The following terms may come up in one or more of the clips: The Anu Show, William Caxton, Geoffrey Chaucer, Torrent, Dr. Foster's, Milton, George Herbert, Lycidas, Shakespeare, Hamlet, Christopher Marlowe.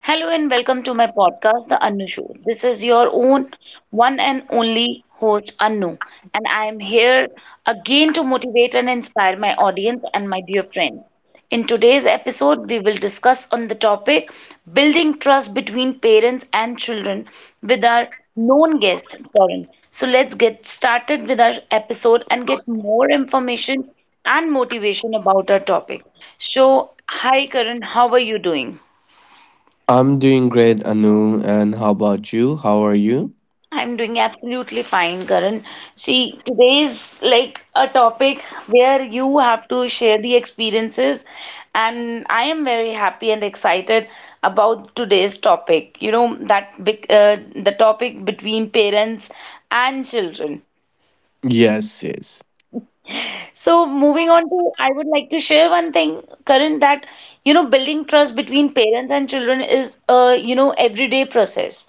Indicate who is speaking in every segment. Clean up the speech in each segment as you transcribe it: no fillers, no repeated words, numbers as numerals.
Speaker 1: Hello and welcome to my podcast, The Anu Show. This is your own one and only host, Anu, and I am here again to motivate and inspire my audience and my dear friends. In today's episode, we will discuss on the topic building trust between parents and children with our known guest, Torrent. So let's get started with our episode and get more information and motivation about our topic. So, hi Karan, how are you doing?
Speaker 2: I'm doing great, Anu. And how about you? How are you?
Speaker 1: I'm doing absolutely fine, Karan. See, today is like a topic where you have to share the experiences, and I am very happy and excited about today's topic. You know, that big, the topic between parents and children.
Speaker 2: Yes, yes,
Speaker 1: So moving on to, I would like to share one thing, Karan, that you know, building trust between parents and children is a you know everyday process.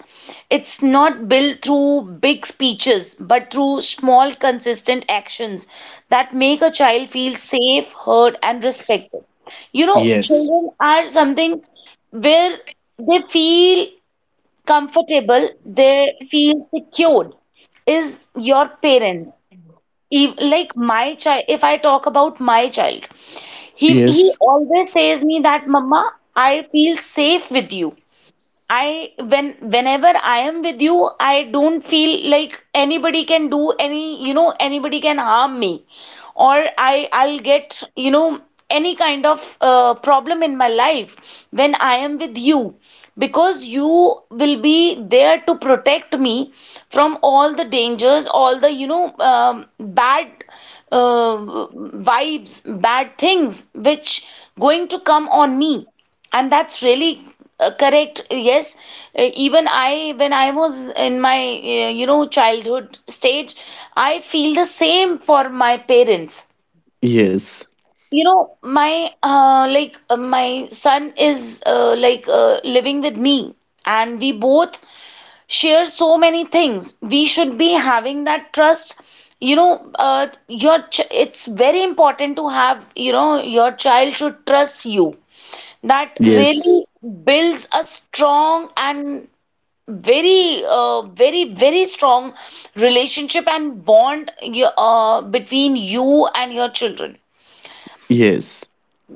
Speaker 1: It's not built through big speeches, but through small, consistent actions that make a child feel safe, heard, and respected. You know,
Speaker 2: yes,
Speaker 1: children are something where they feel comfortable, they feel secured is your parents. Like my child, if I talk about my child, he
Speaker 2: yes,
Speaker 1: always says me that mama, I feel safe with you. I when whenever I am with you, I don't feel like anybody can do any, you know, anybody can harm me, or I'll get, you know, any kind of problem in my life when I am with you, because you will be there to protect me from all the dangers, all the, you know, bad vibes, bad things which going to come on me and that's really correct, yes. Even i, when I was in my you know childhood stage, I feel the same for my parents,
Speaker 2: yes,
Speaker 1: you know. My my son is living with me and we both share so many things. We should be having that trust, you know. uh, your it's very important to have, you know, your child should trust you. That really
Speaker 2: yes,
Speaker 1: builds a strong and very very very strong relationship and bond between you and your children.
Speaker 2: yes,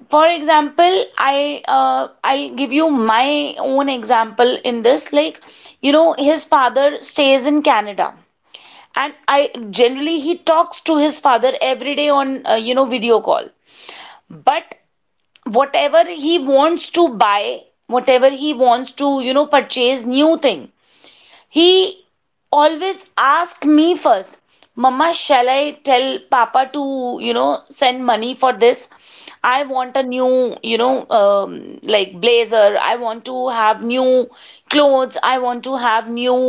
Speaker 1: For example, i, I'll give you my own example in this. Like, you know, his father stays in Canada, and I generally, he talks to his father every day on you know video call. But whatever he wants to buy, whatever he wants to, you know, purchase new thing, he always ask me first. Mama, shall I tell papa to, you know, send money for this? I want a new, you know, um, like blazer. I want to have new clothes. I want to have new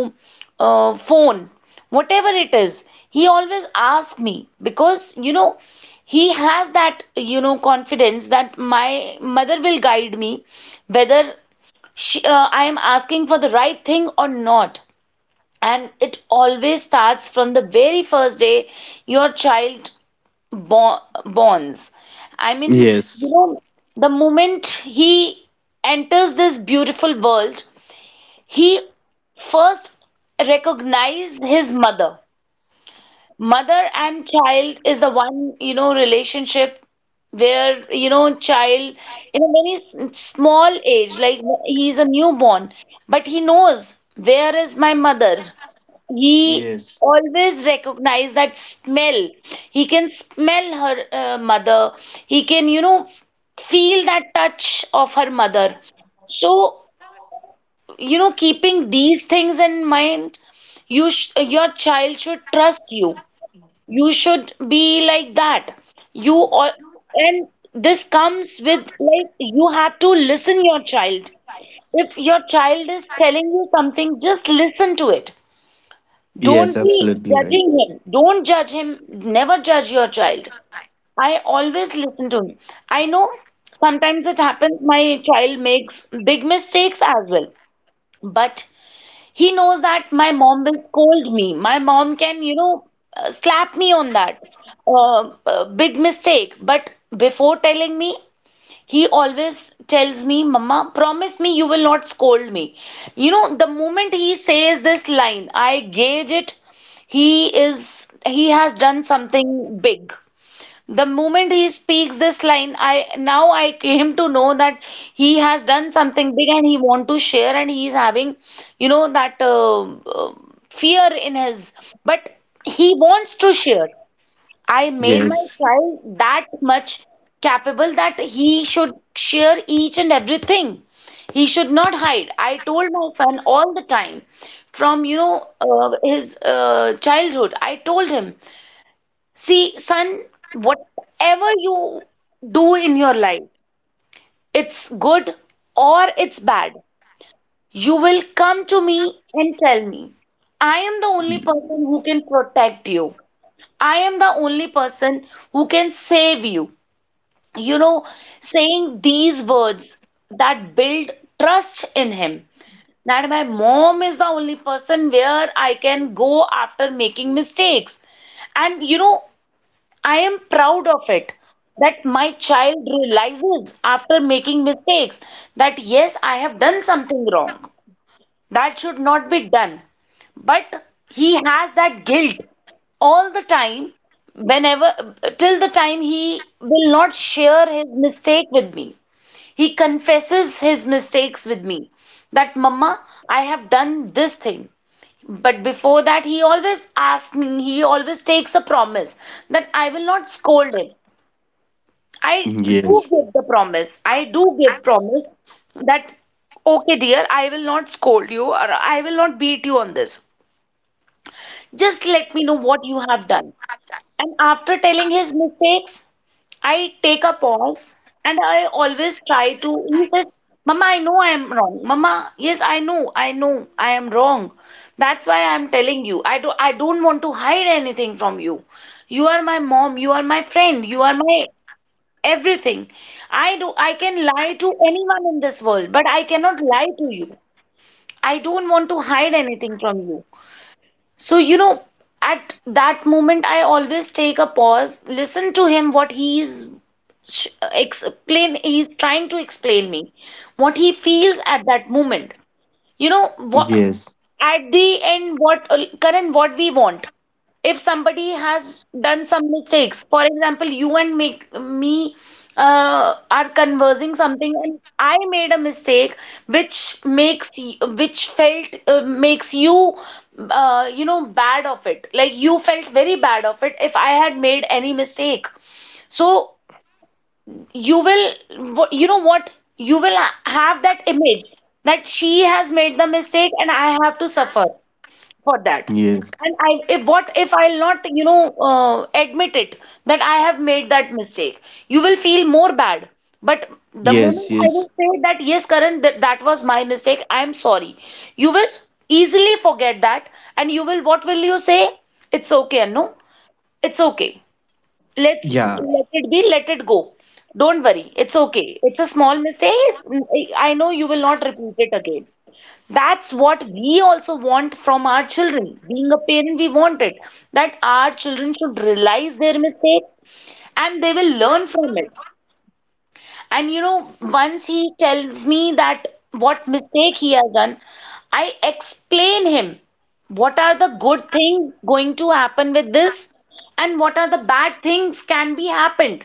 Speaker 1: phone. Whatever it is, he always asks me, because, you know, he has that, you know, confidence that my mother will guide me whether I am asking for the right thing or not. And it always starts from the very first day your child borns, I mean, you
Speaker 2: yes,
Speaker 1: know, the moment he enters this beautiful world, he first recognized his mother. Mother and child is the one, you know, relationship where, you know, child in a very small age, like he's a newborn, but he knows where is my mother. He
Speaker 2: yes,
Speaker 1: always recognized that smell. He can smell her mother. He can, you know, feel that touch of her mother. So, you know, keeping these things in mind, your child should trust you. You should be like that. You all, and this comes with, like, you have to listen your child. If your child is telling you something, just listen to it.
Speaker 2: yes,
Speaker 1: Don't be
Speaker 2: absolutely right.
Speaker 1: judging him. Don't judge him. Never judge your child. I always listen to him. I know sometimes it happens, my child makes big mistakes as well. But he knows that my mom will scold me. My mom can, you know, slap me on that uh, big mistake. But before telling me, he always tells me, Mama, promise me you will not scold me. You know, the moment he says this line, I gauge it. He has done something big. The moment he speaks this line, I came to know that he has done something big and he want to share and he is having, you know, that fear in his, but he wants to share. I made my
Speaker 2: Yes,
Speaker 1: child that much capable that he should share each and everything. He should not hide. I told my son all the time from, you know, his childhood. I told him, see, son, whatever you do in your life, it's good or it's bad, you will come to me and tell me. I am the only
Speaker 2: y-
Speaker 1: person who can protect you. I am the only person who can save you. You know, saying these words that build trust in him. That my mom is the only person where I can go after making mistakes. And you know, I am proud of it that my child realizes after making mistakes that yes, I have done something wrong. That should not be done. But he has that guilt all the time, whenever, till the time he will not share his mistake with me. He confesses his mistakes with me that, Mama, I have done this thing. But before that, he always asks me, he always takes a promise that I will not scold him. I do
Speaker 2: yes,
Speaker 1: give the promise. I do give promise that, okay, dear, I will not scold you or I will not beat you on this. Just let me know what you have done. And after telling his mistakes, I take a pause and I always try to. He says, Mama, I know I am wrong. Mama, yes, I know, I am wrong. That's why I am telling you. I don't want to hide anything from you. You are my mom, you are my friend, you are my everything. I can lie to anyone in this world, but I cannot lie to you. I don't want to hide anything from you. So, you know, at that moment, I always take a pause, listen to him what he is sh- explain he's trying to explain me what he feels at that moment. You know what?
Speaker 2: yes,
Speaker 1: At the end, what current what we want. If somebody has done some mistakes, for example, you and make me are conversing something, and I made a mistake, which makes y- which felt makes you you know bad of it. Like you felt very bad of it if I had made any mistake. So you will you know what, you will have that image that she has made the mistake and I have to suffer for that.
Speaker 2: yes,
Speaker 1: And I, if what if I'll not, you know, admit it that I have made that mistake, you will feel more bad. But the moment
Speaker 2: yes,
Speaker 1: I
Speaker 2: yes,
Speaker 1: will say that, yes Karan, that was my mistake, I am sorry, you will easily forget that, and you will, what will you say, it's okay, no, it's okay. Let's
Speaker 2: yeah,
Speaker 1: let it be, let it go. Don't worry, it's okay. It's a small mistake. I know you will not repeat it again. That's what we also want from our children. Being a parent, we want it that our children should realize their mistakes and they will learn from it. And you know, once he tells me that what mistake he has done, I explain him what are the good things going to happen with this and what are the bad things can be happened,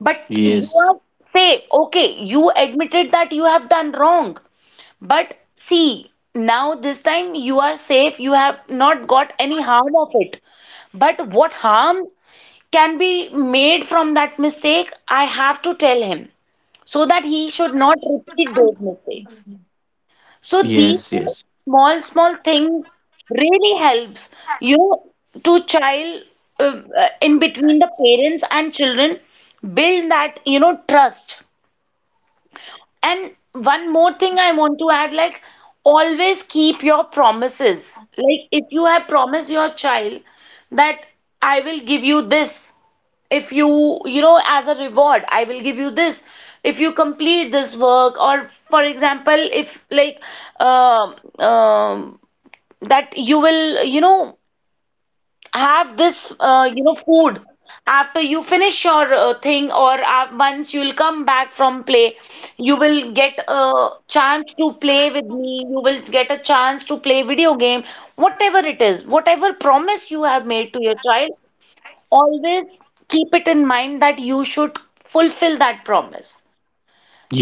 Speaker 1: but you
Speaker 2: yes,
Speaker 1: are safe. Okay, you admitted that you have done wrong. But see, now this time you are safe. You have not got any harm of it. But what harm can be made from that mistake? I have to tell him so that he should not repeat those mistakes. So these
Speaker 2: yes, yes,
Speaker 1: small, small things really helps, you know, to child in between the parents and children build that, you know, trust. And one more thing I want to add, like, always keep your promises. Like, if you have promised your child that I will give you this, if you, you know, as a reward, I will give you this, if you complete this work, or for example, if like, um um, that you will, you know, have this you know food after you finish your thing, or once you will come back from play, you will get a chance to play with me, you will get a chance to play video game, whatever it is, whatever promise you have made to your child, always keep it in mind that you should fulfill that promise.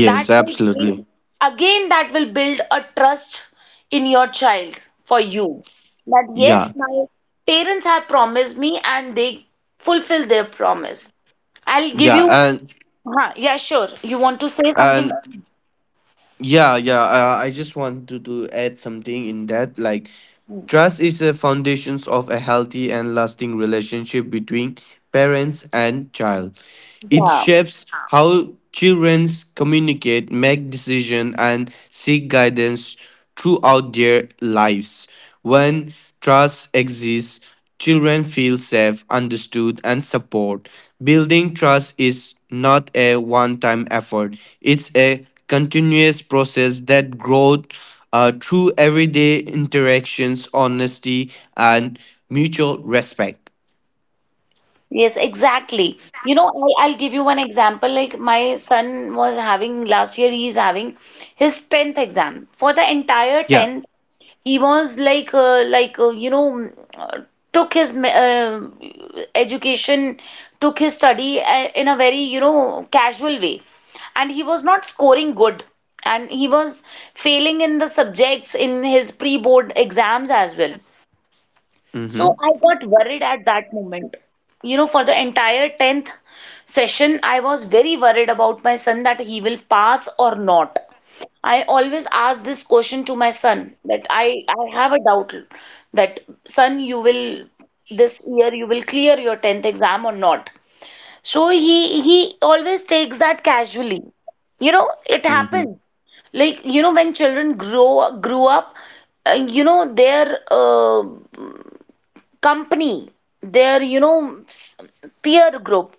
Speaker 1: That will
Speaker 2: absolutely.
Speaker 1: build, again, that will build a trust in your child for you. That
Speaker 2: Yeah,
Speaker 1: yes, my parents have promised me and they fulfill their promise. I'll give
Speaker 2: yeah,
Speaker 1: you,
Speaker 2: and,
Speaker 1: yeah, sure. You want to say something?
Speaker 2: and, yeah, yeah, I just want to add something in that, like, trust is the foundations of a healthy and lasting relationship between parents and child. It
Speaker 1: Yeah.
Speaker 2: shapes how children communicate, make decisions, and seek guidance throughout their lives. When trust exists, children feel safe, understood, and supported. Building trust is not a one time effort, it's a continuous process that grows through everyday interactions, honesty, and mutual respect.
Speaker 1: Yes, exactly. You know, I'll give you one example. Like my son was having last year, he's having his 10th exam. For the entire
Speaker 2: Yeah.
Speaker 1: 10th, he was like took his education, took his study in a very, casual way. And he was not scoring good. And he was failing in the subjects in his pre-board exams as well. So
Speaker 2: Mm-hmm.
Speaker 1: I got worried at that moment. You know, for the entire 10th session, I was very worried about my son that he will pass or not. I always ask this question to my son that I have a doubt that son, you will this year you will clear your 10th exam or not. So he always takes that casually. You know, it
Speaker 2: Mm-hmm.
Speaker 1: happens. Like, when children grow grew up, their company, their peer group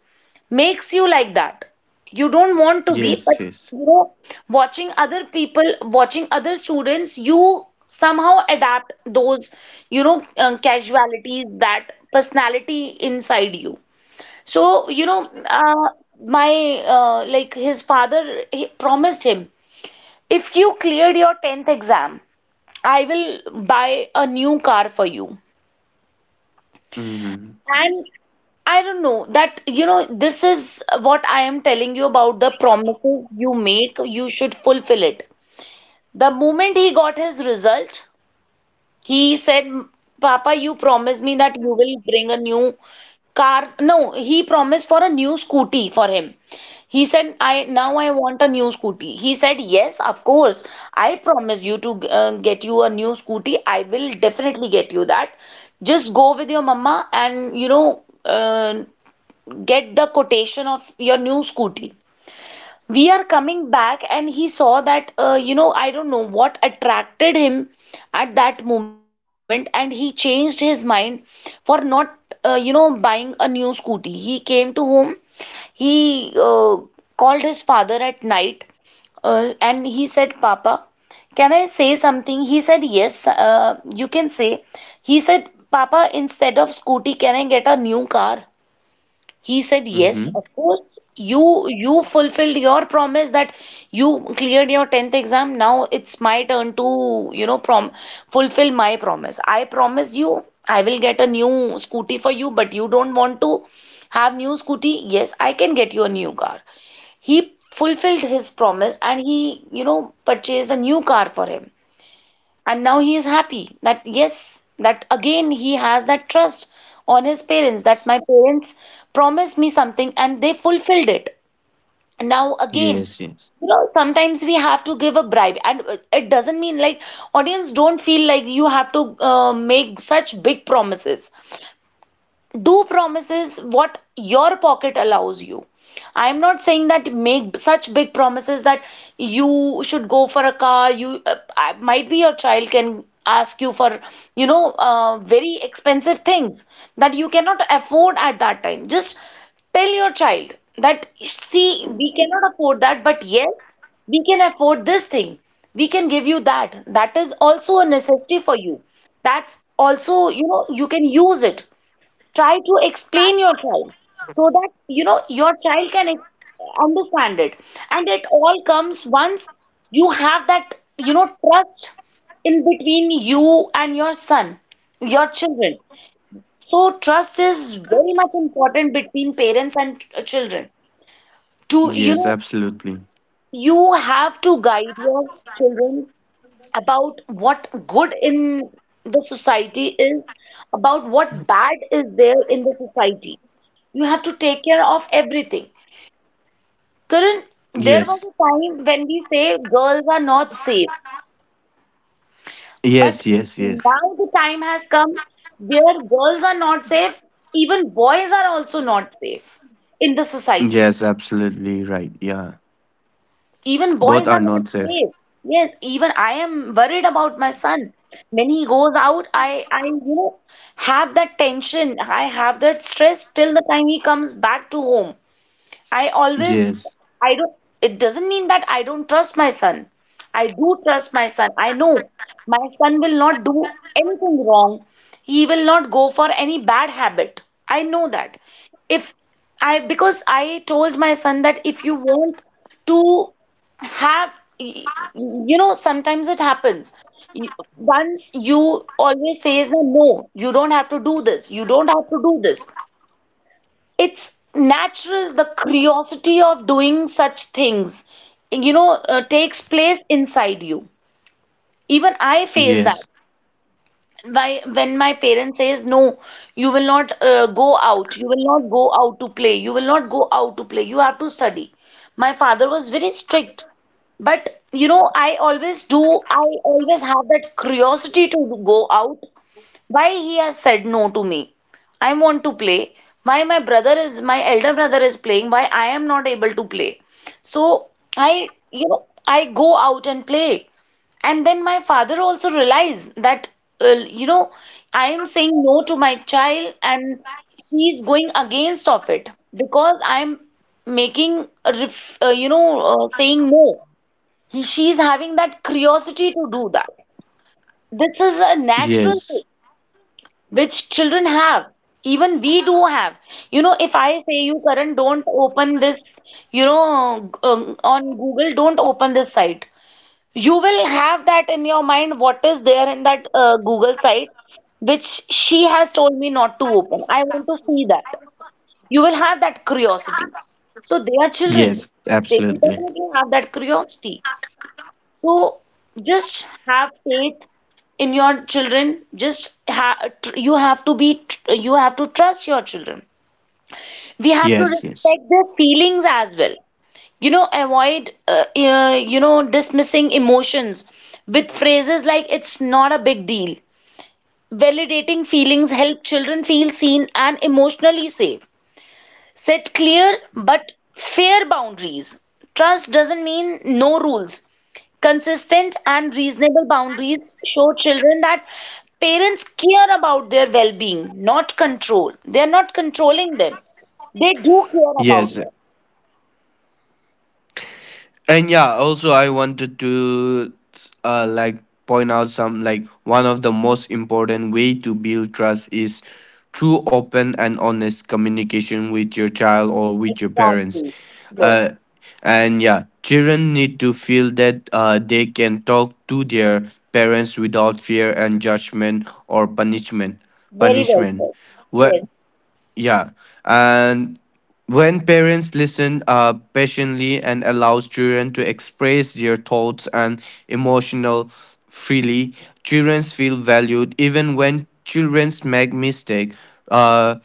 Speaker 1: makes you like that, you don't want to be,
Speaker 2: Yes,
Speaker 1: but
Speaker 2: yes.
Speaker 1: you know watching other people, watching other students, you somehow adapt those casualities, that personality inside you. So uh, my like, his father, he promised him, if you cleared your 10th exam, I will buy a new car for you.
Speaker 2: Mm-hmm.
Speaker 1: And I don't know that, this is what I am telling you about. The promises you make, you should fulfill it. The moment he got his result, he said, Papa, you promised me that you will bring a new car. No, he promised for a new scooty for him. He said, I now I want a new scooty. He said, Yes, of course. I promise you to get you a new scooty. I will definitely get you that. Just go with your mama and get the quotation of your new scooty. We are coming back, and he saw that, I don't know what attracted him at that moment, and he changed his mind for not, buying a new scooty. He came to home, he called his father at night, and he said, Papa, can I say something? He said, Yes, you can say. He said, Papa, instead of scooty, can I get a new car? He said, Yes,
Speaker 2: Mm-hmm.
Speaker 1: of course, you fulfilled your promise that you cleared your 10th exam. Now it's my turn to, prom fulfill my promise. I promise you I will get a new scooty for you, but you don't want to have new scooty. Yes, I can get you a new car. He fulfilled his promise, and he purchased a new car for him, and now he is happy that, yes, that again he has that trust on his parents, that my parents promised me something and they fulfilled it. Now again,
Speaker 2: Yes, yes.
Speaker 1: sometimes we have to give a bribe, and it doesn't mean like, audience, don't feel like you have to make such big promises. Do promises what your pocket allows you. I'm not saying that make such big promises that you should go for a car. You might be, your child can ask you for very expensive things that you cannot afford at that time. Just tell your child that, see, we cannot afford that, but yes, we can afford this thing. We can give you that, that is also a necessity for you, that's also, you can use it. Try to explain your child so that, your child can understand it. And it all comes once you have that, trust in between you and your son, your children. So trust is very much important between parents and children. To, you
Speaker 2: Yes,
Speaker 1: know
Speaker 2: absolutely.
Speaker 1: you have to guide your children about what good in the society is, about what bad is there in the society. You have to take care of everything. Karan, there was
Speaker 2: Yes.
Speaker 1: a time when we say girls are not safe, but
Speaker 2: Yes, yes, yes.
Speaker 1: now the time has come where girls are not safe, even boys are also not safe in the society.
Speaker 2: Yes, absolutely right. Yeah.
Speaker 1: Even
Speaker 2: Both
Speaker 1: boys
Speaker 2: are
Speaker 1: are not
Speaker 2: not safe.
Speaker 1: safe. Yes, even I am worried about my son. When he goes out, I, have that tension. I have that stress till the time he comes back to home. I always,
Speaker 2: Yes.
Speaker 1: I don't, it doesn't mean that I don't trust my son. I do trust my son. I know my son will not do anything wrong. He will not go for any bad habit. I know that. If I, because I told my son that, if you want to have, y- sometimes it happens. Once you always says that, no, you don't have to do this. You don't have to do this. It's natural, the curiosity of doing such things, takes place inside you. Even I face that.
Speaker 2: Yes.
Speaker 1: Why, when my parents says, no, you will not go out, you will not go out to play, you will not go out to play, you have to study. My father was very strict, but I always have that curiosity to go out. Why he has said no to me? I want to play. Why my elder brother is playing? Why I am not able to play? So I you know I go out and play. And then my father also realized that, uh, you know I am saying no to my child, and he is going against of it because I am making a ref, you know saying no. He she is having that curiosity to do that. This is a natural thing
Speaker 2: Yes.
Speaker 1: which children have, even we do have, if I say you, Karan, don't open this, on Google, don't open this site, you will have that in your mind, what is there in that Google site, which she has told me not to open, I want to see that. You will have that curiosity. So they are children,
Speaker 2: Yes,
Speaker 1: they will
Speaker 2: absolutely.
Speaker 1: definitely have that curiosity. So just have faith in your children. Just you have to trust your children. We have to
Speaker 2: Yes, yes.
Speaker 1: respect their feelings as well. You know, avoid dismissing emotions with phrases like "it's not a big deal." Validating feelings help children feel seen and emotionally safe. Set clear but fair boundaries. Trust doesn't mean no rules. Consistent and reasonable boundaries show children that parents care about their well being, not control. They are not controlling them. They do care about
Speaker 2: Yes.
Speaker 1: them.
Speaker 2: And yeah, also I wanted to like point out some, like, one of the most important way to build trust is through open and honest communication with your child or with your
Speaker 1: Exactly.
Speaker 2: parents.
Speaker 1: Yes.
Speaker 2: uh, and yeah, children need to feel that they can talk to their parents without fear and judgment or punishment
Speaker 1: Very well
Speaker 2: punishment
Speaker 1: said.
Speaker 2: Where.
Speaker 1: Yes.
Speaker 2: Yeah. And when parents listen patiently and allows children to express their thoughts and emotional freely, children feel valued even when children make mistake. Uh,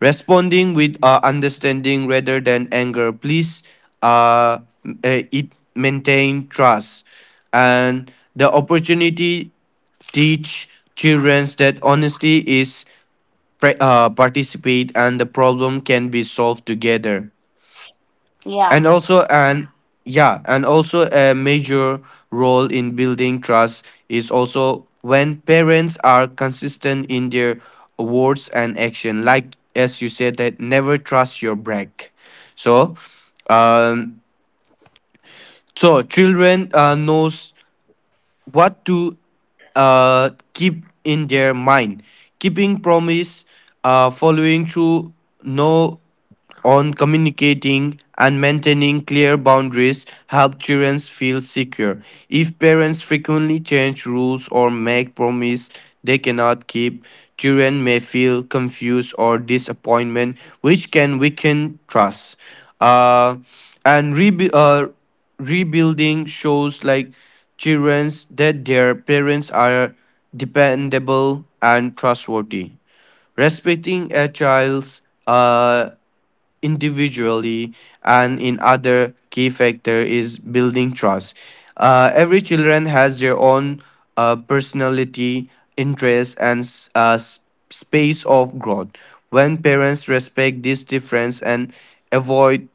Speaker 2: Responding with understanding rather than anger, please, uh, it maintain trust and the opportunity teach children that honesty is participate and the problem can be solved together.
Speaker 1: Yeah.
Speaker 2: And also and yeah and also a major role in building trust is also when parents are consistent in their words and action, like as you said that never trust your break. So um so children knows what to keep in their mind, keeping promise, following through, no, on communicating and maintaining clear boundaries help children feel secure. If parents frequently change rules or make promises they cannot keep, children may feel confused or disappointment, which can weaken trust. Uh, and rebuilding shows, like, children that their parents are dependable and trustworthy. Respecting a child's individually and in other key factor is building trust. Every children has their own personality, interests, and space of growth. When parents respect this difference and avoid,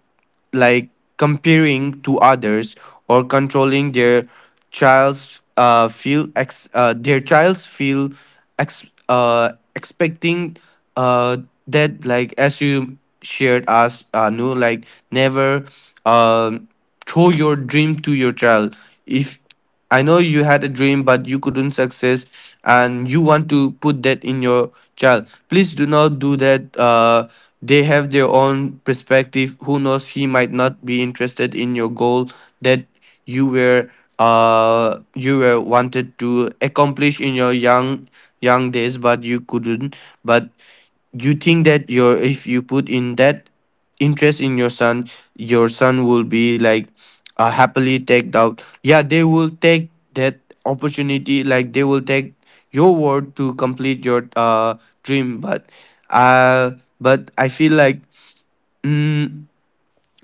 Speaker 2: like, comparing to others or controlling their child's feel ex- their child's feel ex- expecting uh, that, like, as you shared us, no, like, never um throw your dream to your child. If I know you had a dream, but you couldn't success, and you want to put that in your child. Please do not do that. They have their own perspective. Who knows? He might not be interested in your goal that you were you were wanted to accomplish in your young days, but you couldn't. But you think that your if you put in that interest in your son, your son will be like happily take out, yeah, they will take that opportunity, like they will take your word to complete your dream. But uh but I feel like mm,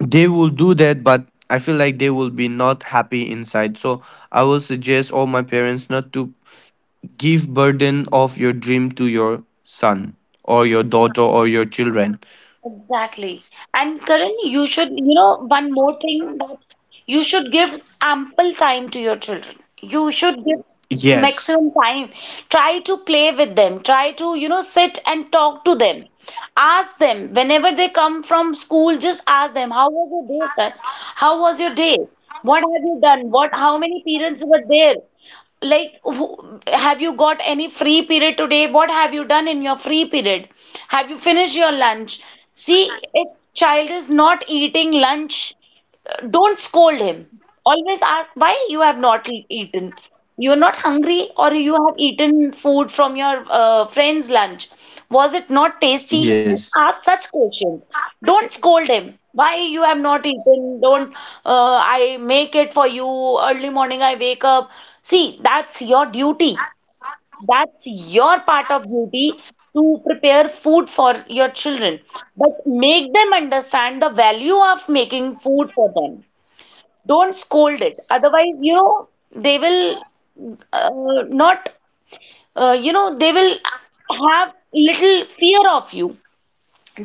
Speaker 2: they will do that. But I feel like they will be not happy inside. So I will suggest all my parents not to give burden of your dream to your son or your daughter or your children.
Speaker 1: Exactly. And Karan, you should, one more thing that you should give ample time to your children. You should give
Speaker 2: Yes.
Speaker 1: maximum time. Try to play with them. Try to, sit and talk to them. Ask them whenever they come from school, just ask them, How was your day, sir? How was your day? What have you done? What, how many parents were there? Like, who, have you got any free period today, what have you done in your free period, have you finished your lunch? See, if child is not eating lunch, don't scold him. Always ask, why you have not eaten? You're not hungry, or you have eaten food from your friend's lunch. Was it not tasty? Just
Speaker 2: Yes.
Speaker 1: ask such questions. Don't scold him. Why you have not eaten? Don't I make it for you? Early morning I wake up. See, that's your duty. That's your part of duty to prepare food for your children. But make them understand the value of making food for them. Don't scold it. Otherwise, they will uh, not, they will have little fear of you.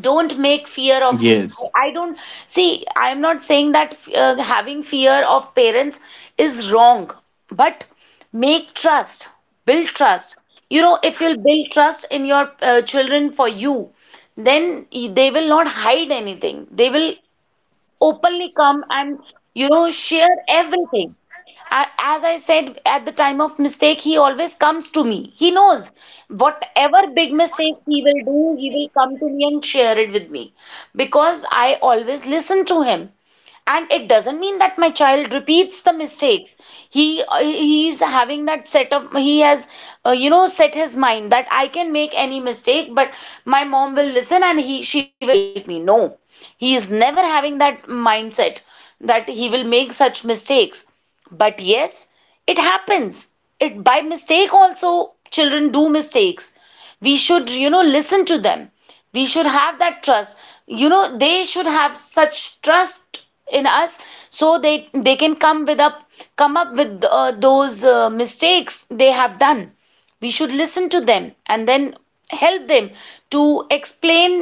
Speaker 1: Don't make fear of you.
Speaker 2: Yes.
Speaker 1: I don't, see, I'm not saying that having fear of parents is wrong, but make trust, build trust. You know, if you'll build trust in your children for you, then they will not hide anything. They will openly come and share everything. As I said, at the time of mistake, he always comes to me. He knows whatever big mistakes he will do, he will come to me and share it with me, because I always listen to him. And it doesn't mean that my child repeats the mistakes. He he's having that set of He has set his mind that I can make any mistake, but my mom will listen and he she will help me. No, he is never having that mindset that he will make such mistakes. But yes, it happens. It, by mistake also, children do mistakes. We should, listen to them. We should have that trust. You know, they should have such trust in us, so they can come with up come up with those mistakes they have done. We should listen to them and then help them to explain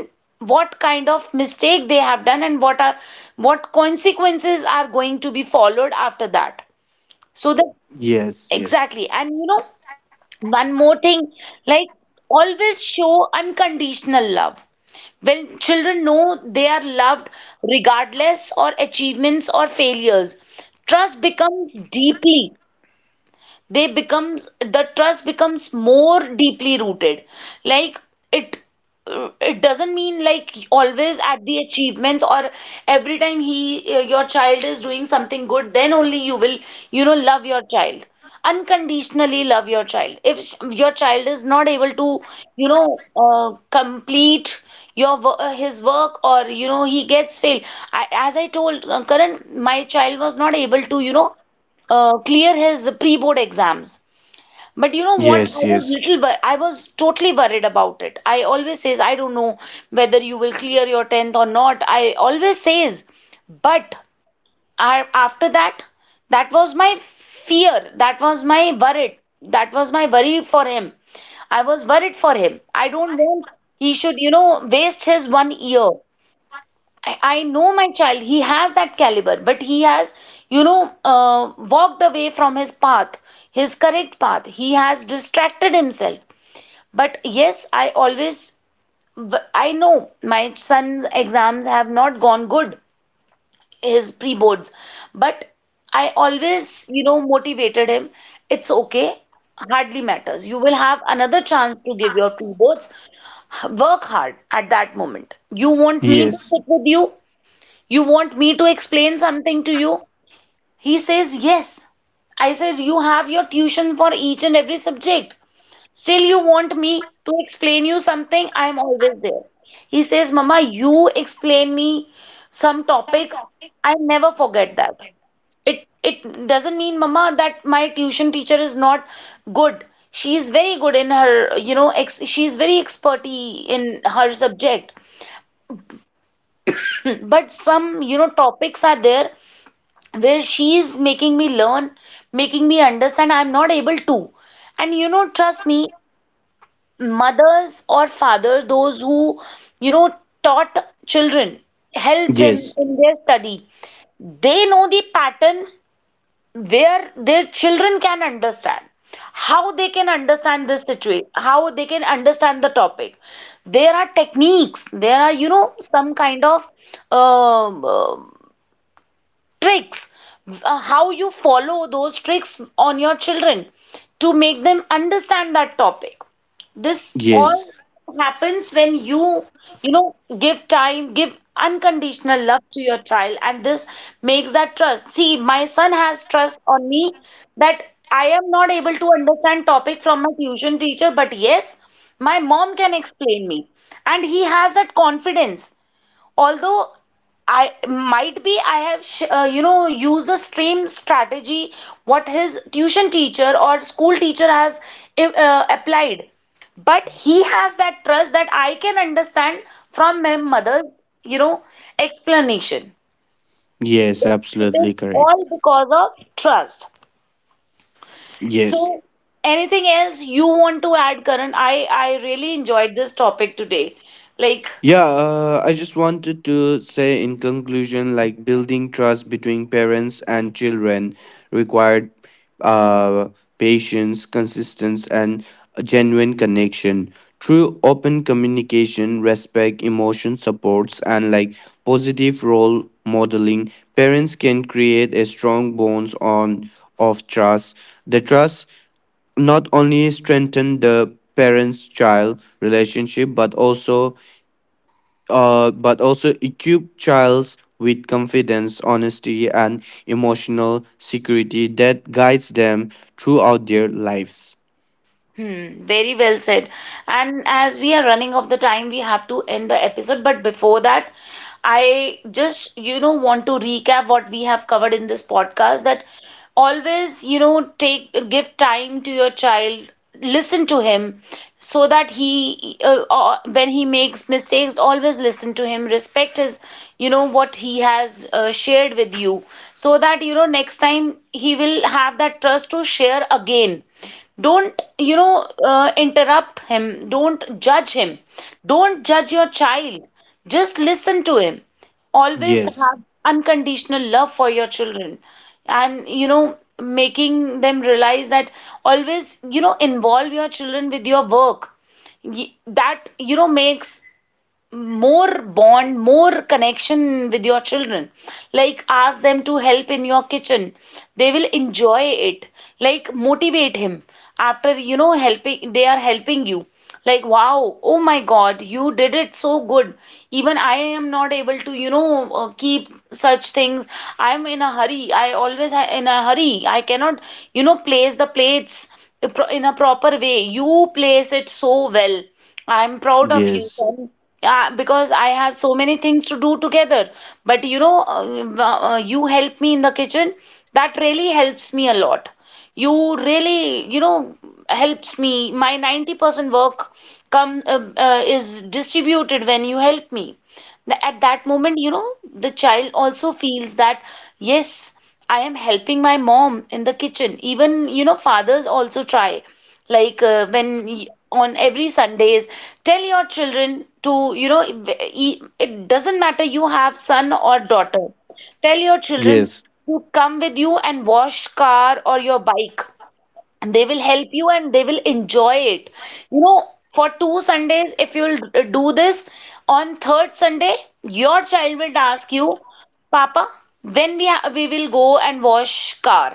Speaker 1: what kind of mistake they have done and what are what consequences are going to be followed after that, so that.
Speaker 2: Yes. Yes.
Speaker 1: Exactly. And you know, one more thing, like, always show unconditional love. When children know they are loved regardless or achievements or failures, trust becomes deeply the trust becomes more deeply rooted. Like, it it doesn't mean like always at the achievements or every time he your child is doing something good, then only you will, you know, love your child. Unconditionally love your child. If your child is not able to, you know, complete his work, or you know, he gets fail. As I told Karan, my child was not able to, you know, clear his pre-board exams. But you know what?
Speaker 2: Yes.
Speaker 1: I
Speaker 2: Yes.
Speaker 1: was little, but I was totally worried about it. I always says, I don't know whether you will clear your 10th or not. I always says, but after that, that was my fear. That was my worried. That was my worry for him. I was worried for him. I don't want he should, you know, waste his 1 year. I know my child, he has that caliber, but he has, you know, walked away from his path, his correct path. He has distracted himself. But yes, I always, I know my son's exams have not gone good, his pre boards, but I always, you know, motivated him. It's okay, hardly matters. You will have another chance to give your pre boards. Work hard at that moment. You want me to
Speaker 3: Yes,
Speaker 1: sit with you? You want me to explain something to you? He says, yes. I said, you have your tuition for each and every subject. Still, you want me to explain you something? I am always there. He says, Mama, you explain me some topics. I never forget that. It doesn't mean, Mama, that my tuition teacher is not good. She is very good in her, you know, ex she is very experty in her subject. But some, you know, topics are there where she is making me learn, making me understand I'm not able to. And you know, trust me, mothers or fathers, those who, you know, taught children, help them
Speaker 3: yes,
Speaker 1: in their study. They know the pattern where their children can understand, how they can understand this situation, how they can understand the topic. There are techniques, there are, you know, some kind of um, uh, tricks, how you follow those tricks on your children to make them understand that topic. This
Speaker 3: yes,
Speaker 1: all happens when you know, give time, give unconditional love to your child, and this makes that trust. See, my son has trust on me that I am not able to understand topic from my tuition teacher, but yes, my mom can explain me, and he has that confidence, although I might be I have you know, used the same strategy what his tuition teacher or school teacher has applied, but he has that trust that I can understand from my mother's, you know, explanation.
Speaker 3: yes,
Speaker 1: It
Speaker 3: absolutely
Speaker 1: is
Speaker 3: correct.
Speaker 1: all because of trust.
Speaker 3: Yes.
Speaker 1: So anything else you want to add, Karan? I really enjoyed this topic today, like.
Speaker 3: Yeah, I just wanted to say, in conclusion, like, building trust between parents and children required uh, patience, consistency, and a genuine connection. Through open communication, respect, emotion supports, and like positive role modeling, parents can create a strong bonds on of trust. The trust not only strengthen the parents child relationship but also equip childs with confidence honesty and emotional security that guides them throughout their lives.
Speaker 1: Hmm, very well said. And as we are running off the time, we have to end the episode. But before that, I just, you know, want to recap what we have covered in this podcast, that always, you know, take give time to your child, listen to him, so that he when he makes mistakes, always listen to him, respect his, you know, what he has shared with you, so that you know next time he will have that trust to share again. Don't, you know, interrupt him, don't judge him, don't judge your child, just listen to him. Always
Speaker 3: Yes,
Speaker 1: have unconditional love for your children. And you know, making them realize that, always, you know, involve your children with your work. That, you know, makes more bond, more connection with your children. Like, ask them to help in your kitchen. They will enjoy it. Like, motivate him after, you know, helping, they are helping you. Like, wow, oh my God, you did it so good. Even I am not able to, you know, keep such things. I'm in a hurry. I always in a hurry. I cannot, you know, place the plates in a proper way. You place it so well. I'm proud of you,
Speaker 3: yes,
Speaker 1: son. Yeah, because I have so many things to do together. But you know, you help me in the kitchen. That really helps me a lot. You really, you know, helps me. My 90% work come is distributed when you help me. At that moment, you know, the child also feels that, yes, I am helping my mom in the kitchen. Even, you know, fathers also try, like, when on every Sundays, tell your children to, you know, it doesn't matter you have son or daughter, tell your children
Speaker 3: yes,
Speaker 1: to come with you and wash car or your bike. They will help you and they will enjoy it, you know. For 2 Sundays, if you'll do this, on third Sunday, your child will ask you, Papa, when we will go and wash car.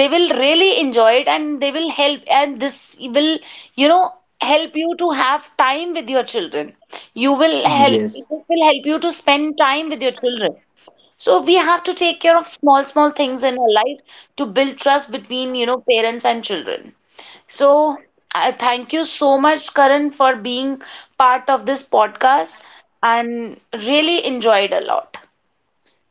Speaker 1: They will really enjoy it and they will help, and this will, you know, help you to have time with your children. You will help,
Speaker 3: yes.
Speaker 1: this will help you to spend time with your children. So we have to take care of small small things in our life to build trust between, you know, parents and children. So I thank you so much, Karan, for being part of this podcast, and really enjoyed a lot.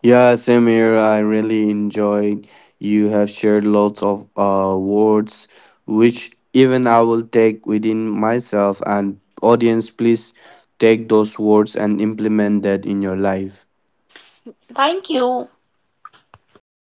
Speaker 3: Yeah, same here. I really enjoyed. You have shared lots of words, which even I will take within myself. And audience, please take those words and implement that in your life.
Speaker 1: Thank you.